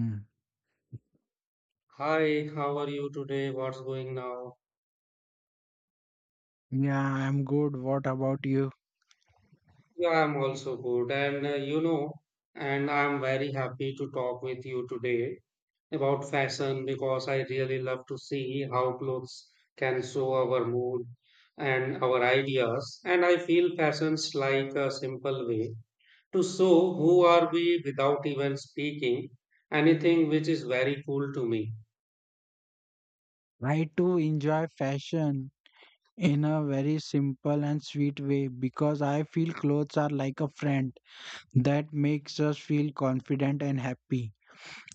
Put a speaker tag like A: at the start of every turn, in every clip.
A: Mm.
B: Hi, how are you today? What's going now?
A: Yeah, I'm good. What about you?
B: Yeah, I'm also good. And and I'm very happy to talk with you today about fashion because I really love to see how clothes can show our mood and our ideas. And I feel fashion's like a simple way to show who are we without even speaking anything, which is very cool to me.
A: I too enjoy fashion in a very simple and sweet way because I feel clothes are like a friend that makes us feel confident and happy.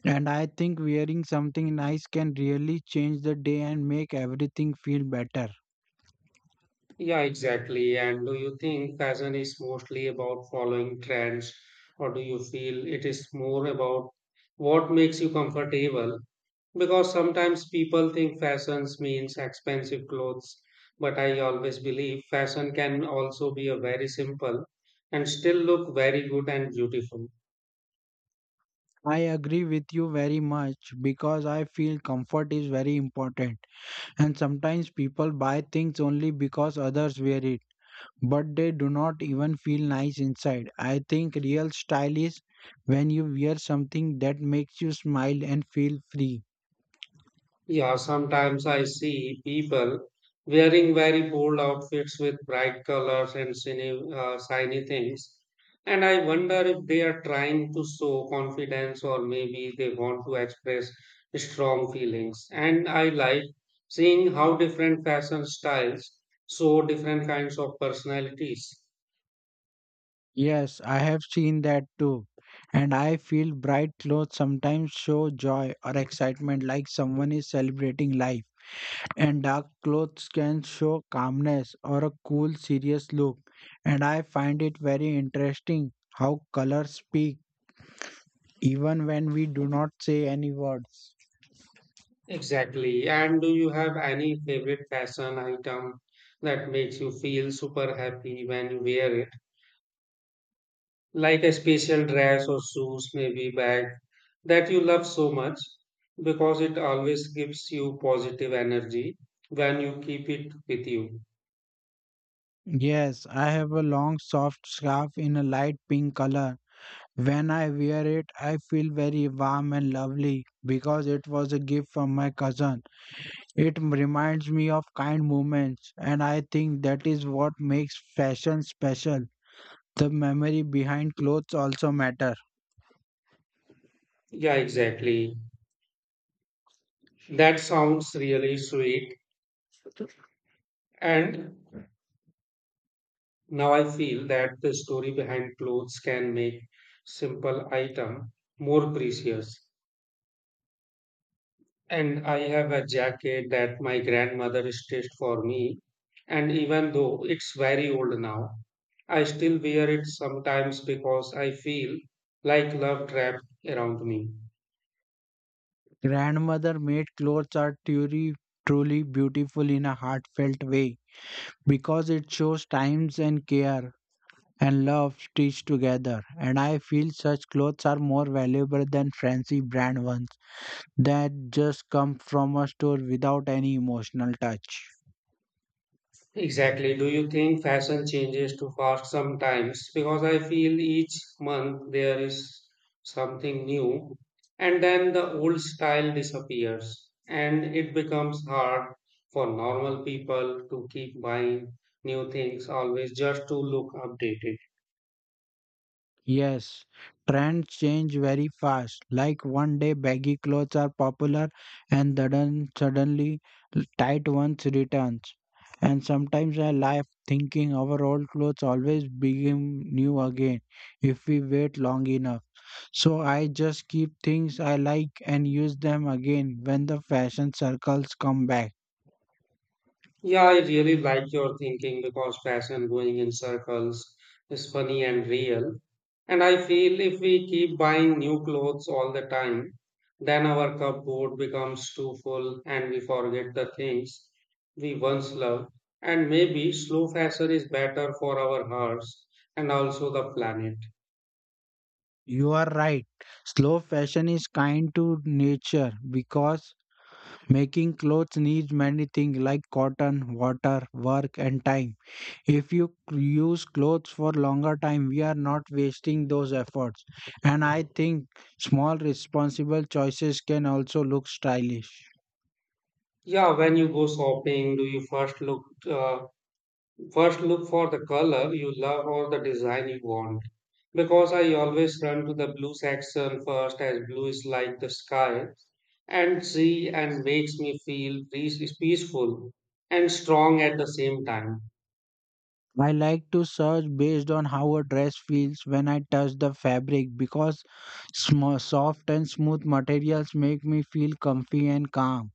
A: And I think wearing something nice can really change the day and make everything feel better.
B: Yeah, exactly. And do you think fashion is mostly about following trends, or do you feel it is more about what makes you comfortable? Because sometimes people think fashion means expensive clothes, but I always believe fashion can also be a very simple and still look very good and beautiful.
A: I agree with you very much because I feel comfort is very important. And sometimes people buy things only because others wear it, but they do not even feel nice inside. I think real style is when you wear something that makes you smile and feel free.
B: Yeah, sometimes I see people wearing very bold outfits with bright colors and shiny things. And I wonder if they are trying to show confidence or maybe they want to express strong feelings. And I like seeing how different fashion styles show different kinds of personalities.
A: Yes, I have seen that too. And I feel bright clothes sometimes show joy or excitement like someone is celebrating life. And dark clothes can show calmness or a cool, serious look. And I find it very interesting how colors speak even when we do not say any words.
B: Exactly. And do you have any favorite fashion item that makes you feel super happy when you wear it, like a special dress or shoes, maybe bag that you love so much because it always gives you positive energy when you keep it with you?
A: Yes, I have a long, soft scarf in a light pink color. When I wear it, I feel very warm and lovely because it was a gift from my cousin. It reminds me of kind moments, and I think that is what makes fashion special. The memory behind clothes also matter.
B: Yeah, exactly. That sounds really sweet. And now I feel that the story behind clothes can make simple item more precious. And I have a jacket that my grandmother stitched for me. And even though it's very old now, I still wear it sometimes because I feel like love trapped around me.
A: Grandmother made clothes are truly, truly beautiful in a heartfelt way because it shows times and care and love stitched together. And I feel such clothes are more valuable than fancy brand ones that just come from a store without any emotional touch.
B: Exactly. Do you think fashion changes too fast sometimes? Because I feel each month there is something new, and then the old style disappears, and it becomes hard for normal people to keep buying new things always just to look updated.
A: Yes, trends change very fast. Like one day baggy clothes are popular and then suddenly tight ones returns. And sometimes I laugh thinking our old clothes always become new again if we wait long enough. So I just keep things I like and use them again when the fashion circles come back.
B: Yeah, I really like your thinking because fashion going in circles is funny and real. And I feel if we keep buying new clothes all the time, then our cupboard becomes too full and we forget the things we once loved. And maybe slow fashion is better for our hearts and also the planet.
A: You are right. Slow fashion is kind to nature because making clothes needs many things like cotton, water, work, and time. If you use clothes for longer time, we are not wasting those efforts. And I think small responsible choices can also look stylish.
B: Yeah, when you go shopping, do you first look uh, first look for the color you love or the design you want? Because I always run to the blue section first, as blue is like the sky and sea and makes me feel peaceful and strong at the same time.
A: I like to search based on how a dress feels when I touch the fabric because soft and smooth materials make me feel comfy and calm.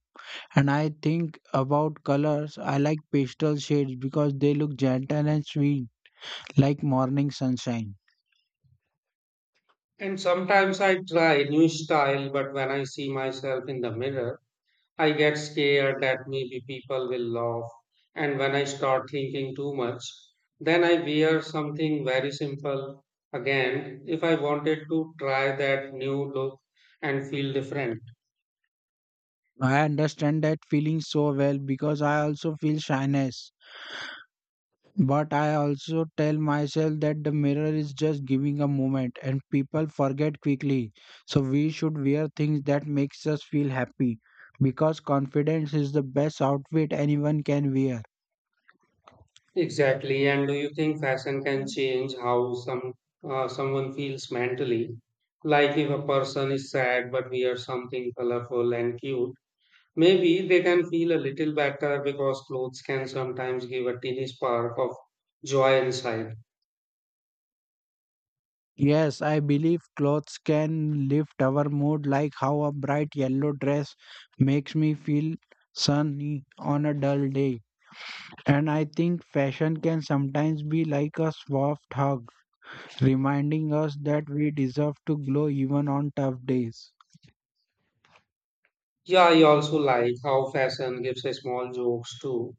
A: And I think about colors, I like pastel shades because they look gentle and sweet like morning sunshine.
B: And sometimes I try new style, but when I see myself in the mirror, I get scared that maybe people will laugh, and when I start thinking too much, then I wear something very simple. Again, if I wanted to try that new look and feel different.
A: I understand that feeling so well because I also feel shyness. But I also tell myself that the mirror is just giving a moment and people forget quickly. So we should wear things that makes us feel happy because confidence is the best outfit anyone can wear.
B: Exactly. And do you think fashion can change how someone feels mentally? Like if a person is sad but wears something colorful and cute, maybe they can feel a little better because clothes can sometimes give a teeny spark of joy inside.
A: Yes, I believe clothes can lift our mood, like how a bright yellow dress makes me feel sunny on a dull day. And I think fashion can sometimes be like a soft hug, reminding us that we deserve to glow even on tough days.
B: Yeah, I also like how fashion gives a small jokes too.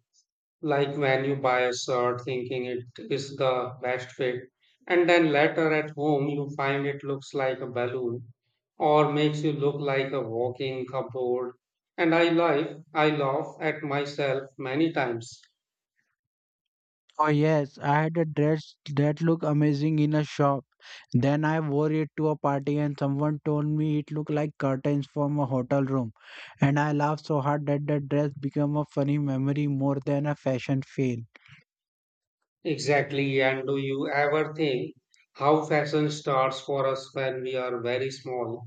B: Like when you buy a shirt thinking it is the best fit, and then later at home you find it looks like a balloon or makes you look like a walking cupboard. And I laugh at myself many times.
A: Oh, yes, I had a dress that looked amazing in a shop. Then I wore it to a party, and someone told me it looked like curtains from a hotel room. And I laughed so hard that the dress became a funny memory more than a fashion fail.
B: Exactly. And do you ever think how fashion starts for us when we are very small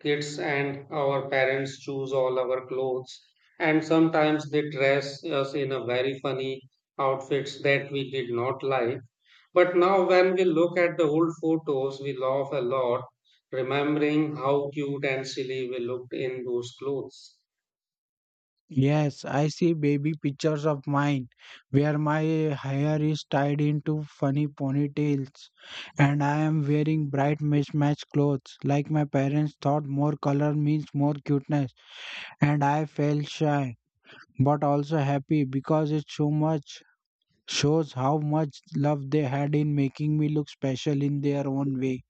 B: kids and our parents choose all our clothes and sometimes they dress us in a very funny outfits that we did not like, but now when we look at the old photos we laugh a lot remembering how cute and silly we looked in those clothes?
A: Yes, I see baby pictures of mine where my hair is tied into funny ponytails, and I am wearing bright mismatched clothes like my parents thought more color means more cuteness. And I felt shy but also happy because it so much shows how much love they had in making me look special in their own way.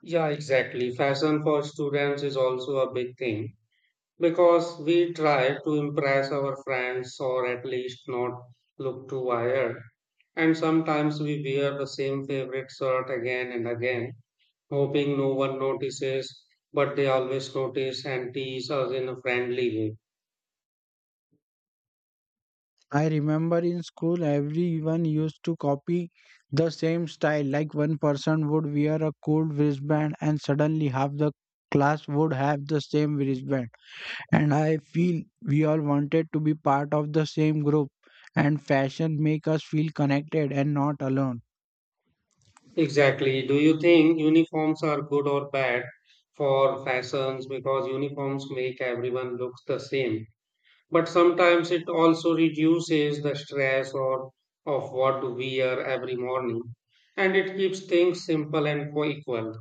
B: Yeah, exactly, fashion for students is also a big thing because we try to impress our friends or at least not look too wired. And sometimes we wear the same favorite shirt again and again, hoping no one notices, but they always notice and tease us in a friendly way.
A: I remember in school everyone used to copy the same style. Like one person would wear a cool wristband and suddenly half the class would have the same wristband. And I feel we all wanted to be part of the same group, and fashion make us feel connected and not alone.
B: Exactly. Do you think uniforms are good or bad for fashions? Because uniforms make everyone look the same. But sometimes it also reduces the stress or of what to wear every morning. And it keeps things simple and equal.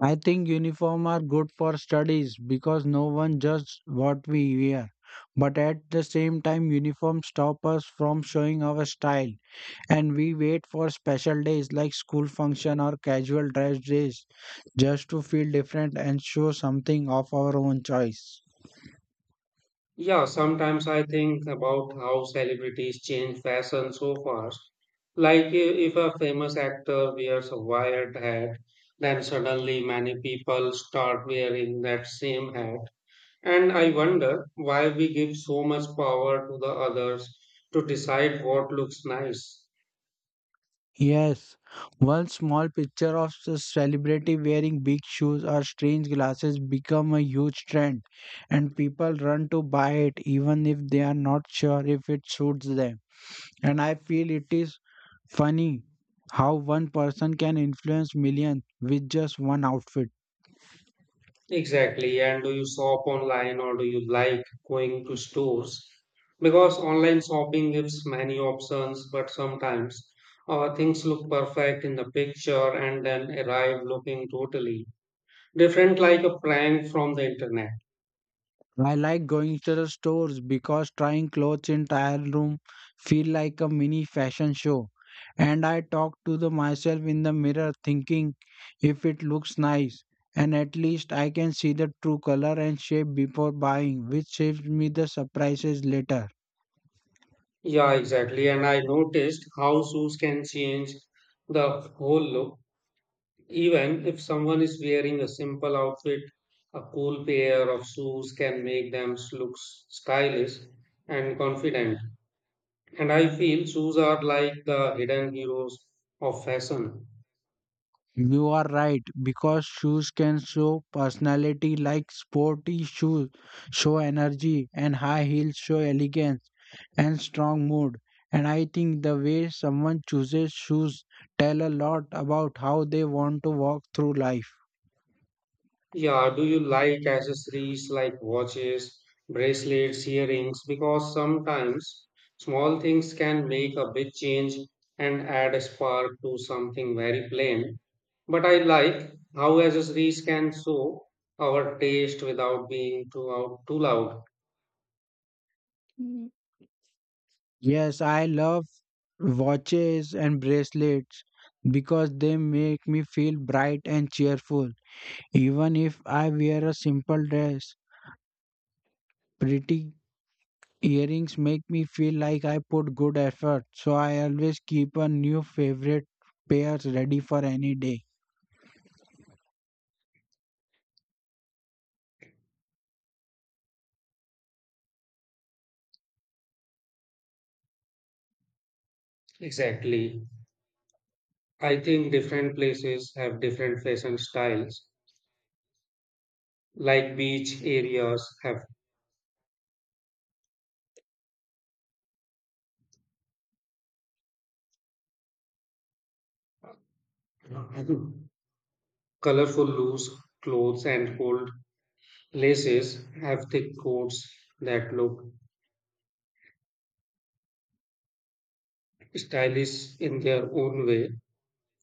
A: I think uniform are good for studies because no one judges what we wear. But at the same time uniform stop us from showing our style, and we wait for special days like school function or casual dress days just to feel different and show something of our own choice.
B: Yeah, sometimes I think about how celebrities change fashion so fast. Like if a famous actor wears a wired hat, then suddenly many people start wearing that same hat. And I wonder why we give so much power to the others to decide what looks nice.
A: Yes, one small picture of a celebrity wearing big shoes or strange glasses become a huge trend, and people run to buy it even if they are not sure if it suits them. And I feel it is funny how one person can influence millions with just one outfit.
B: Exactly. And do you shop online or do you like going to stores? Because online shopping gives many options, but sometimes things look perfect in the picture and then arrive looking totally different, like a prank from the internet.
A: I like going to the stores because trying clothes in trial room feel like a mini fashion show. And I talk to the myself in the mirror thinking if it looks nice, and at least I can see the true color and shape before buying, which saves me the surprises later.
B: Yeah, exactly. And I noticed how shoes can change the whole look, even if someone is wearing a simple outfit. A cool pair of shoes can make them look stylish and confident. And I feel shoes are like the hidden heroes of fashion.
A: You are right because shoes can show personality like sporty shoes show energy and high heels show elegance and strong mood. And I think the way someone chooses shoes tell a lot about how they want to walk through life.
B: Yeah, do you like accessories like watches, bracelets, earrings? Because sometimes small things can make a big change and add a spark to something very plain. But I like how accessories can show our taste without being too loud.
A: Yes, I love watches and bracelets because they make me feel bright and cheerful even if I wear a simple dress. Pretty earrings make me feel like I put good effort, so I always keep a new favorite pair ready for any day.
B: Exactly. I think different places have different fashion styles, like beach areas have, mm-hmm, colorful loose clothes, and gold laces have thick coats that look stylish in their own way,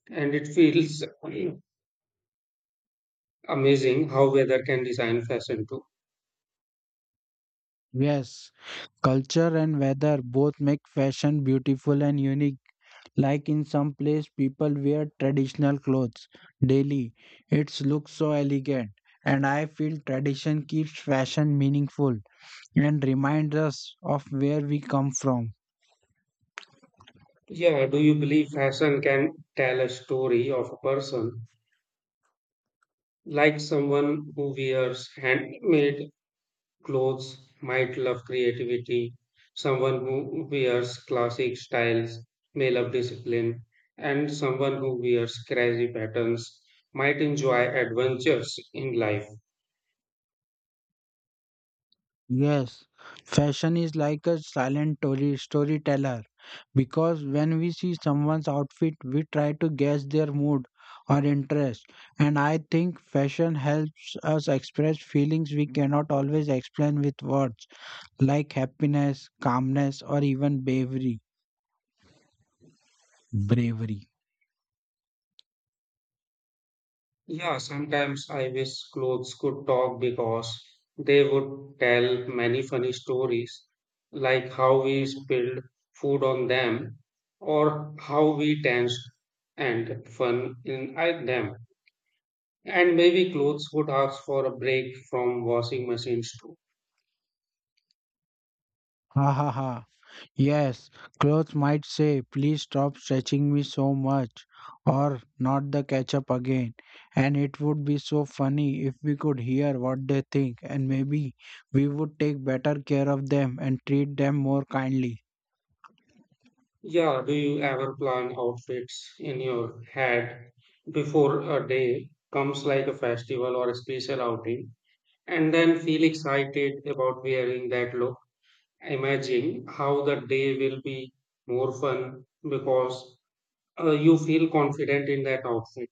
B: and it feels amazing how weather can design fashion too.
A: Yes, culture and weather both make fashion beautiful and unique. Like in some place, people wear traditional clothes daily. It looks so elegant, and I feel tradition keeps fashion meaningful and reminds us of where we come from.
B: Yeah, do you believe fashion can tell a story of a person, like someone who wears handmade clothes might love creativity. Someone who wears classic styles may love discipline. And someone who wears crazy patterns might enjoy adventures in life.
A: Yes, fashion is like a silent storyteller because when we see someone's outfit, we try to guess their mood or interest. And I think fashion helps us express feelings we cannot always explain with words, like happiness, calmness, or even Bravery.
B: Yeah, sometimes I wish clothes could talk because they would tell many funny stories, like how we spilled food on them or how we danced and fun in them. And maybe clothes would ask for a break from washing machines too.
A: Ha ha ha. Yes, clothes might say, please stop stretching me so much, or not the ketchup again. And it would be so funny if we could hear what they think, and maybe we would take better care of them and treat them more kindly.
B: Yeah, do you ever plan outfits in your head before a day comes like a festival or a special outing and then feel excited about wearing that look? Imagine how the day will be more fun because you feel confident in that outfit.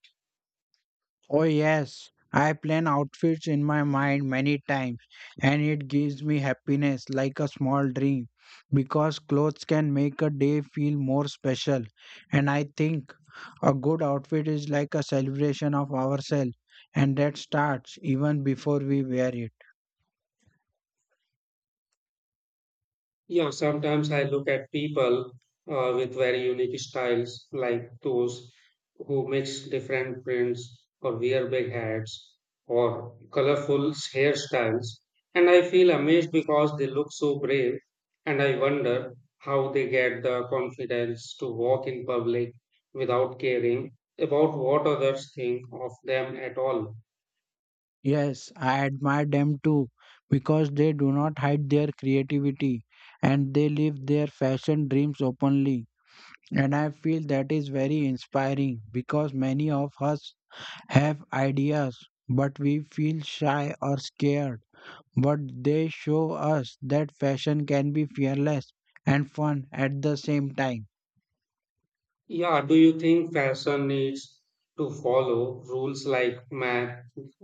A: Oh, yes, I plan outfits in my mind many times, and it gives me happiness like a small dream because clothes can make a day feel more special. And I think a good outfit is like a celebration of ourselves, and that starts even before we wear it.
B: Yeah, sometimes I look at people with very unique styles, like those who mix different prints or wear big hats or colorful hairstyles, and I feel amazed because they look so brave, and I wonder how they get the confidence to walk in public without caring about what others think of them at all.
A: Yes, I admire them too because they do not hide their creativity, and they live their fashion dreams openly. And I feel that is very inspiring because many of us have ideas, but we feel shy or scared. But they show us that fashion can be fearless and fun at the same time.
B: Yeah, do you think fashion needs to follow rules like ma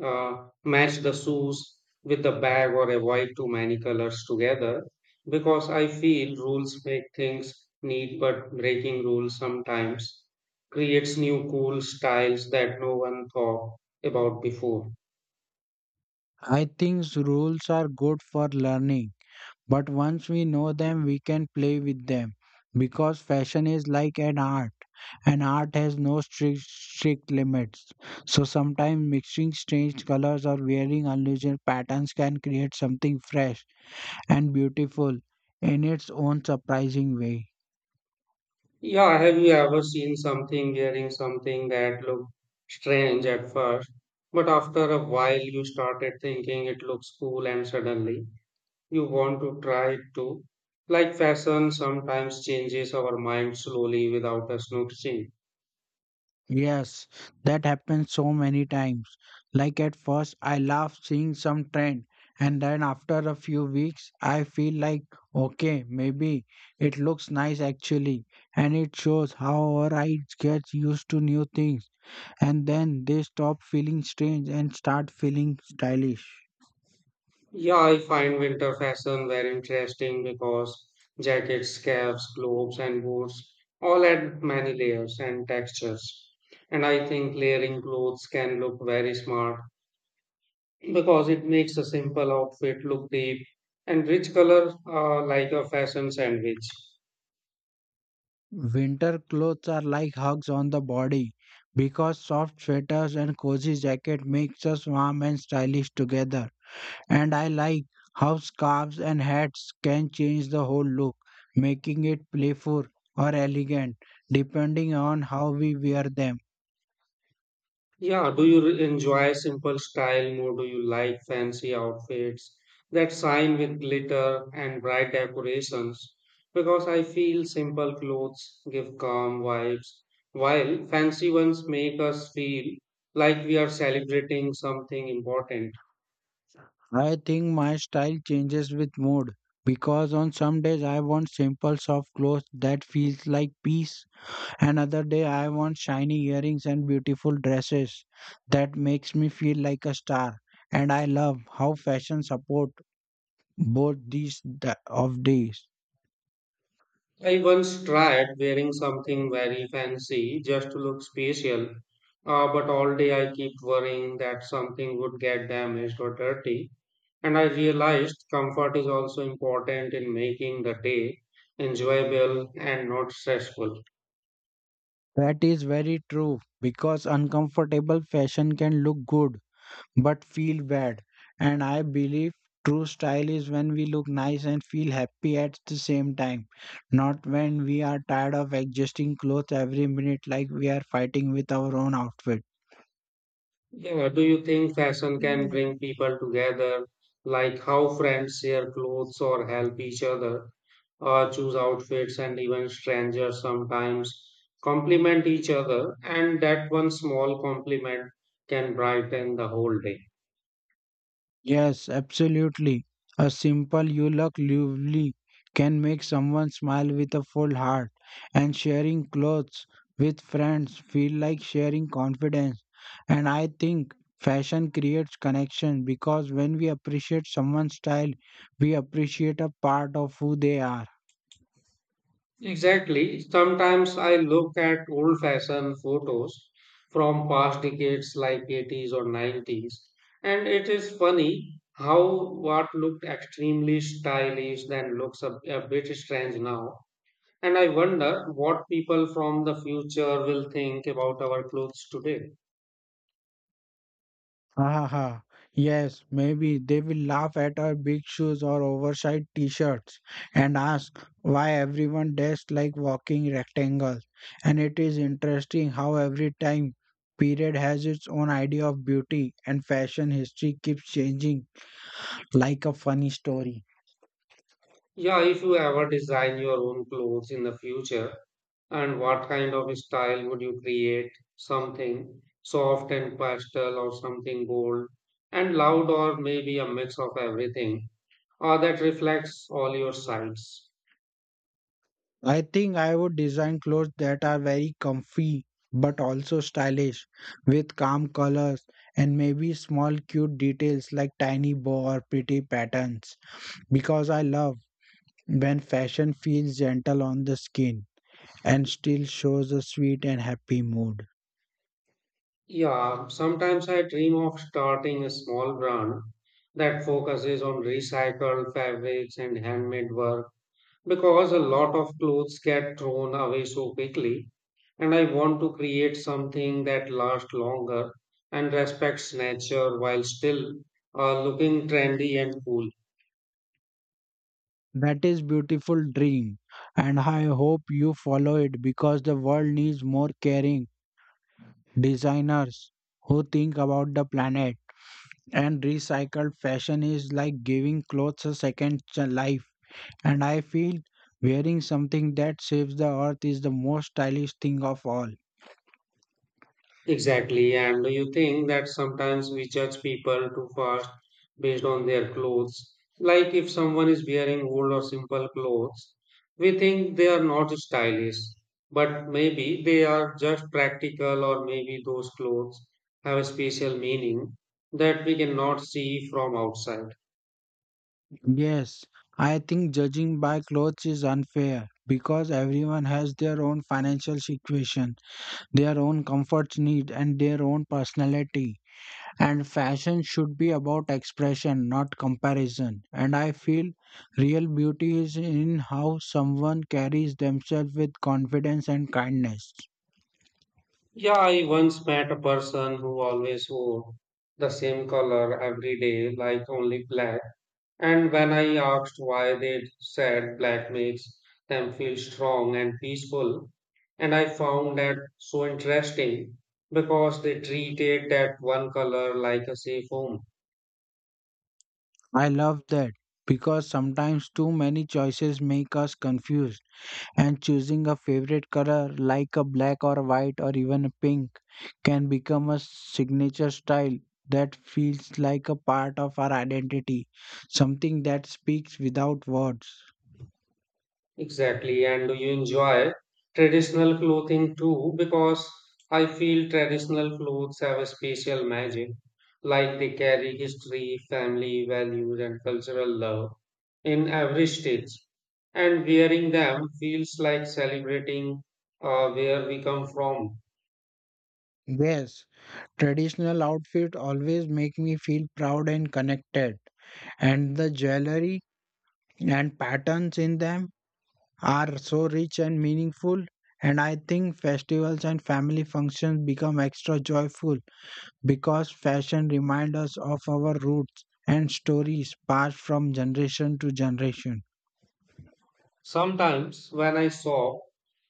B: match the shoes with the bag or avoid too many colors together? Because I feel rules make things neat, but breaking rules sometimes creates new cool styles that no one thought about before.
A: I think rules are good for learning, but once we know them, we can play with them. Because fashion is like an art, and art has no strict, strict limits. So sometimes mixing strange colors or wearing unusual patterns can create something fresh and beautiful in its own surprising way.
B: Yeah, have you ever seen something wearing something that looked strange at first, but after a while you started thinking it looks cool and suddenly you want to try it too? Like fashion sometimes changes our mind slowly without us noticing.
A: Yes, that happens so many times. Like at first, I laugh seeing some trend, and then after a few weeks, I feel like, okay, maybe it looks nice actually. And it shows how our eyes get used to new things, and then they stop feeling strange and start feeling stylish.
B: Yeah, I find winter fashion very interesting because jackets, scarves, gloves, and boots all add many layers and textures. And I think layering clothes can look very smart because it makes a simple outfit look deep and rich color like a fashion sandwich.
A: Winter clothes are like hugs on the body because soft sweaters and cozy jacket makes us warm and stylish together. And I like how scarves and hats can change the whole look, making it playful or elegant depending on how we wear them.
B: Yeah, do you enjoy simple style more? Do you like fancy outfits that shine with glitter and bright decorations? Because I feel simple clothes give calm vibes, while fancy ones make us feel like we are celebrating something important.
A: I think my style changes with mood because on some days I want simple soft clothes that feels like peace, and other day I want shiny earrings and beautiful dresses that makes me feel like a star. And I love how fashion support both these of these.
B: I once tried wearing something very fancy just to look special, but all day I kept worrying that something would get damaged or dirty. And I realized comfort is also important in making the day enjoyable and not stressful.
A: That is very true because uncomfortable fashion can look good but feel bad. And I believe true style is when we look nice and feel happy at the same time, not when we are tired of adjusting clothes every minute like we are fighting with our own outfit.
B: Yeah, do you think fashion can bring people together, like how friends share clothes or help each other, or choose outfits, and even strangers sometimes compliment each other? And that one small compliment can brighten the whole day.
A: Yes, absolutely. A simple you look lovely can make someone smile with a full heart, and sharing clothes with friends feel like sharing confidence. And I think fashion creates connection because when we appreciate someone's style, we appreciate a part of who they are.
B: Exactly. Sometimes I look at old fashioned photos from past decades like 80s or 90s, and it is funny how what looked extremely stylish then looks a bit strange now. And I wonder what people from the future will think about our clothes today.
A: Haha. Yes, maybe they will laugh at our big shoes or oversized t-shirts and ask why everyone dressed like walking rectangles. And it is interesting how every time period has its own idea of beauty, and fashion history keeps changing like a funny story.
B: Yeah, if you ever design your own clothes in the future, and what kind of style would you create? Something soft and pastel, or something bold and loud, or maybe a mix of everything that reflects all your sides.
A: I think I would design clothes that are very comfy but also stylish, with calm colors and maybe small cute details like tiny bow or pretty patterns. Because I love when fashion feels gentle on the skin and still shows a sweet and happy mood.
B: Yeah, sometimes I dream of starting a small brand that focuses on recycled fabrics and handmade work because a lot of clothes get thrown away so quickly and I want to create something that lasts longer and respects nature while still looking trendy and cool.
A: That is beautiful dream, and I hope you follow it because the world needs more caring designers who think about the planet. And recycled fashion is like giving clothes a second life, and I feel wearing something that saves the earth is the most stylish thing of all.
B: Exactly, and you think that sometimes we judge people too fast based on their clothes. Like if someone is wearing old or simple clothes, we think they are not stylish, but maybe they are just practical, or maybe those clothes have a special meaning that we cannot see from outside.
A: Yes, I think judging by clothes is unfair because everyone has their own financial situation, their own comfort need, and their own personality. And fashion should be about expression, not comparison. And I feel real beauty is in how someone carries themselves with confidence and kindness.
B: Yeah, I once met a person who always wore the same color every day, like only black. And when I asked why, they said black makes them feel strong and peaceful, and I found that so interesting because they treated that one color like a safe home.
A: I love that because sometimes too many choices make us confused, and choosing a favorite color like a black or white or even a pink can become a signature style that feels like a part of our identity, something that speaks without words.
B: Exactly. And do you enjoy traditional clothing too? Because I feel traditional clothes have a special magic, like they carry history, family values, and cultural love in every stage. And wearing them feels like celebrating where we come from.
A: Yes, traditional outfit always make me feel proud and connected, and the jewelry and patterns in them are so rich and meaningful. And I think festivals and family functions become extra joyful because fashion reminds us of our roots and stories passed from generation to generation.
B: Sometimes when I shop,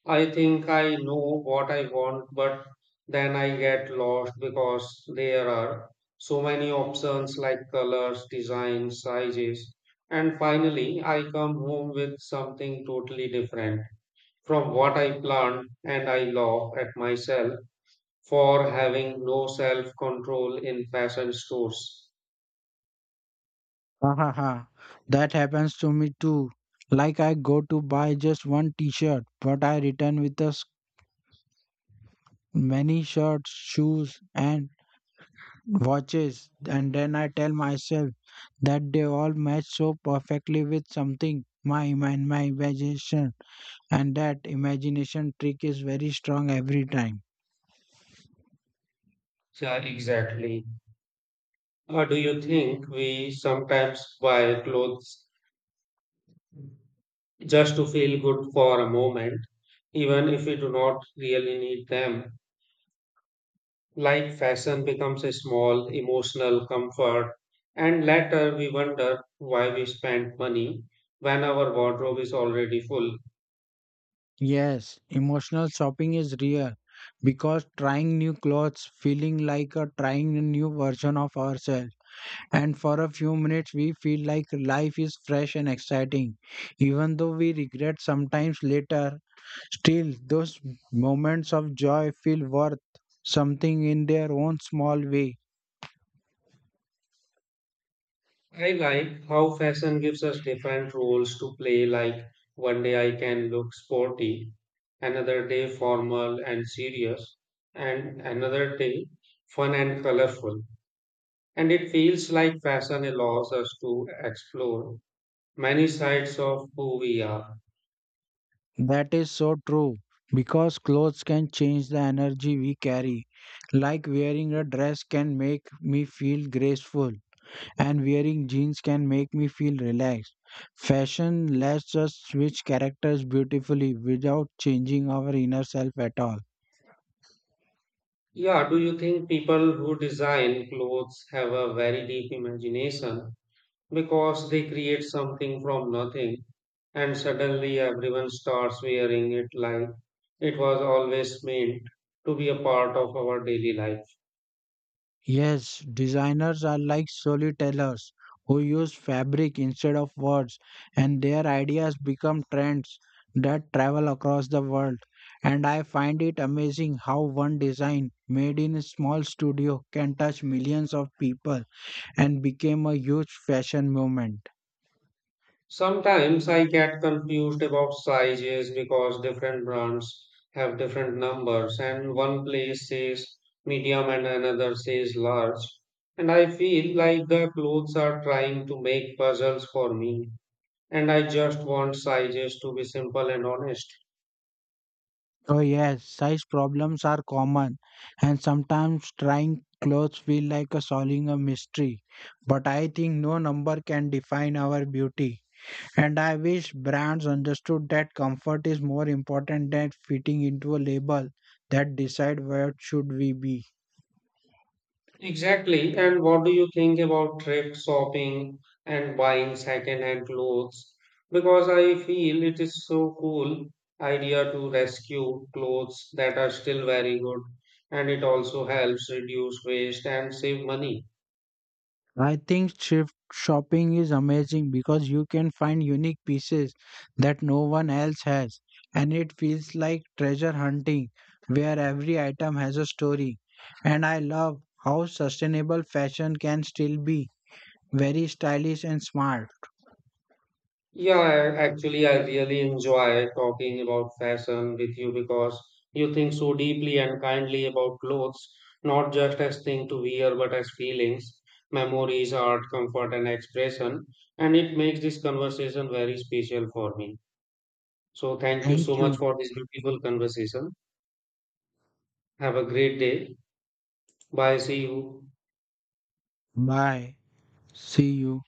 B: I think I know what I want, but then I get lost because there are so many options like colors, designs, sizes, and finally I come home with something totally different from what I planned, and I laugh at myself for having no self control in fashion stores.
A: Ahaha, that happens to me too. Like I go to buy just one t-shirt, but I return with us many shirts, shoes, and watches, and then I tell myself that they all match so perfectly with something. My mind, my imagination, and that imagination trick is very strong every time.
B: Yeah, exactly. Do you think we sometimes buy clothes just to feel good for a moment, even if we do not really need them? Like fashion becomes a small emotional comfort, and later we wonder why we spent money when our wardrobe is already full.
A: Yes, emotional shopping is real because trying new clothes, feeling like a trying a new version of ourselves, and for a few minutes we feel like life is fresh and exciting. Even though we regret sometimes later, still those moments of joy feel worth something in their own small way.
B: I like how fashion gives us different roles to play, like one day I can look sporty, another day formal and serious, and another day fun and colorful. And it feels like fashion allows us to explore many sides of who we are.
A: That is so true because clothes can change the energy we carry. Like wearing a dress can make me feel graceful, and wearing jeans can make me feel relaxed. Fashion lets us switch characters beautifully without changing our inner self at all.
B: Yeah, do you think people who design clothes have a very deep imagination because they create something from nothing and suddenly everyone starts wearing it like it was always meant to be a part of our daily life?
A: Yes, designers are like storytellers who use fabric instead of words, and their ideas become trends that travel across the world. And I find it amazing how one design made in a small studio can touch millions of people and became a huge fashion movement.
B: Sometimes I get confused about sizes because different brands have different numbers, and one place says medium and another says large. And I feel like the clothes are trying to make puzzles for me, and I just want sizes to be simple and honest.
A: Oh yes, size problems are common, and sometimes trying clothes feel like a solving a mystery. But I think no number can define our beauty, and I wish brands understood that comfort is more important than fitting into a label that decide where should we be.
B: Exactly. And what do you think about thrift shopping and buying second-hand clothes? Because I feel it is so cool idea to rescue clothes that are still very good, and it also helps reduce waste and save money.
A: I think thrift shopping is amazing because you can find unique pieces that no one else has, and it feels like treasure hunting where every item has a story. And I love how sustainable fashion can still be very stylish and smart.
B: Yeah, actually, I really enjoy talking about fashion with you because you think so deeply and kindly about clothes, not just as thing to wear, but as feelings, memories, art, comfort, and expression. And it makes this conversation very special for me. So thank you so
A: Thank
B: much
A: you.
B: for this beautiful conversation. Have a great day. Bye. See you.
A: Bye. See you.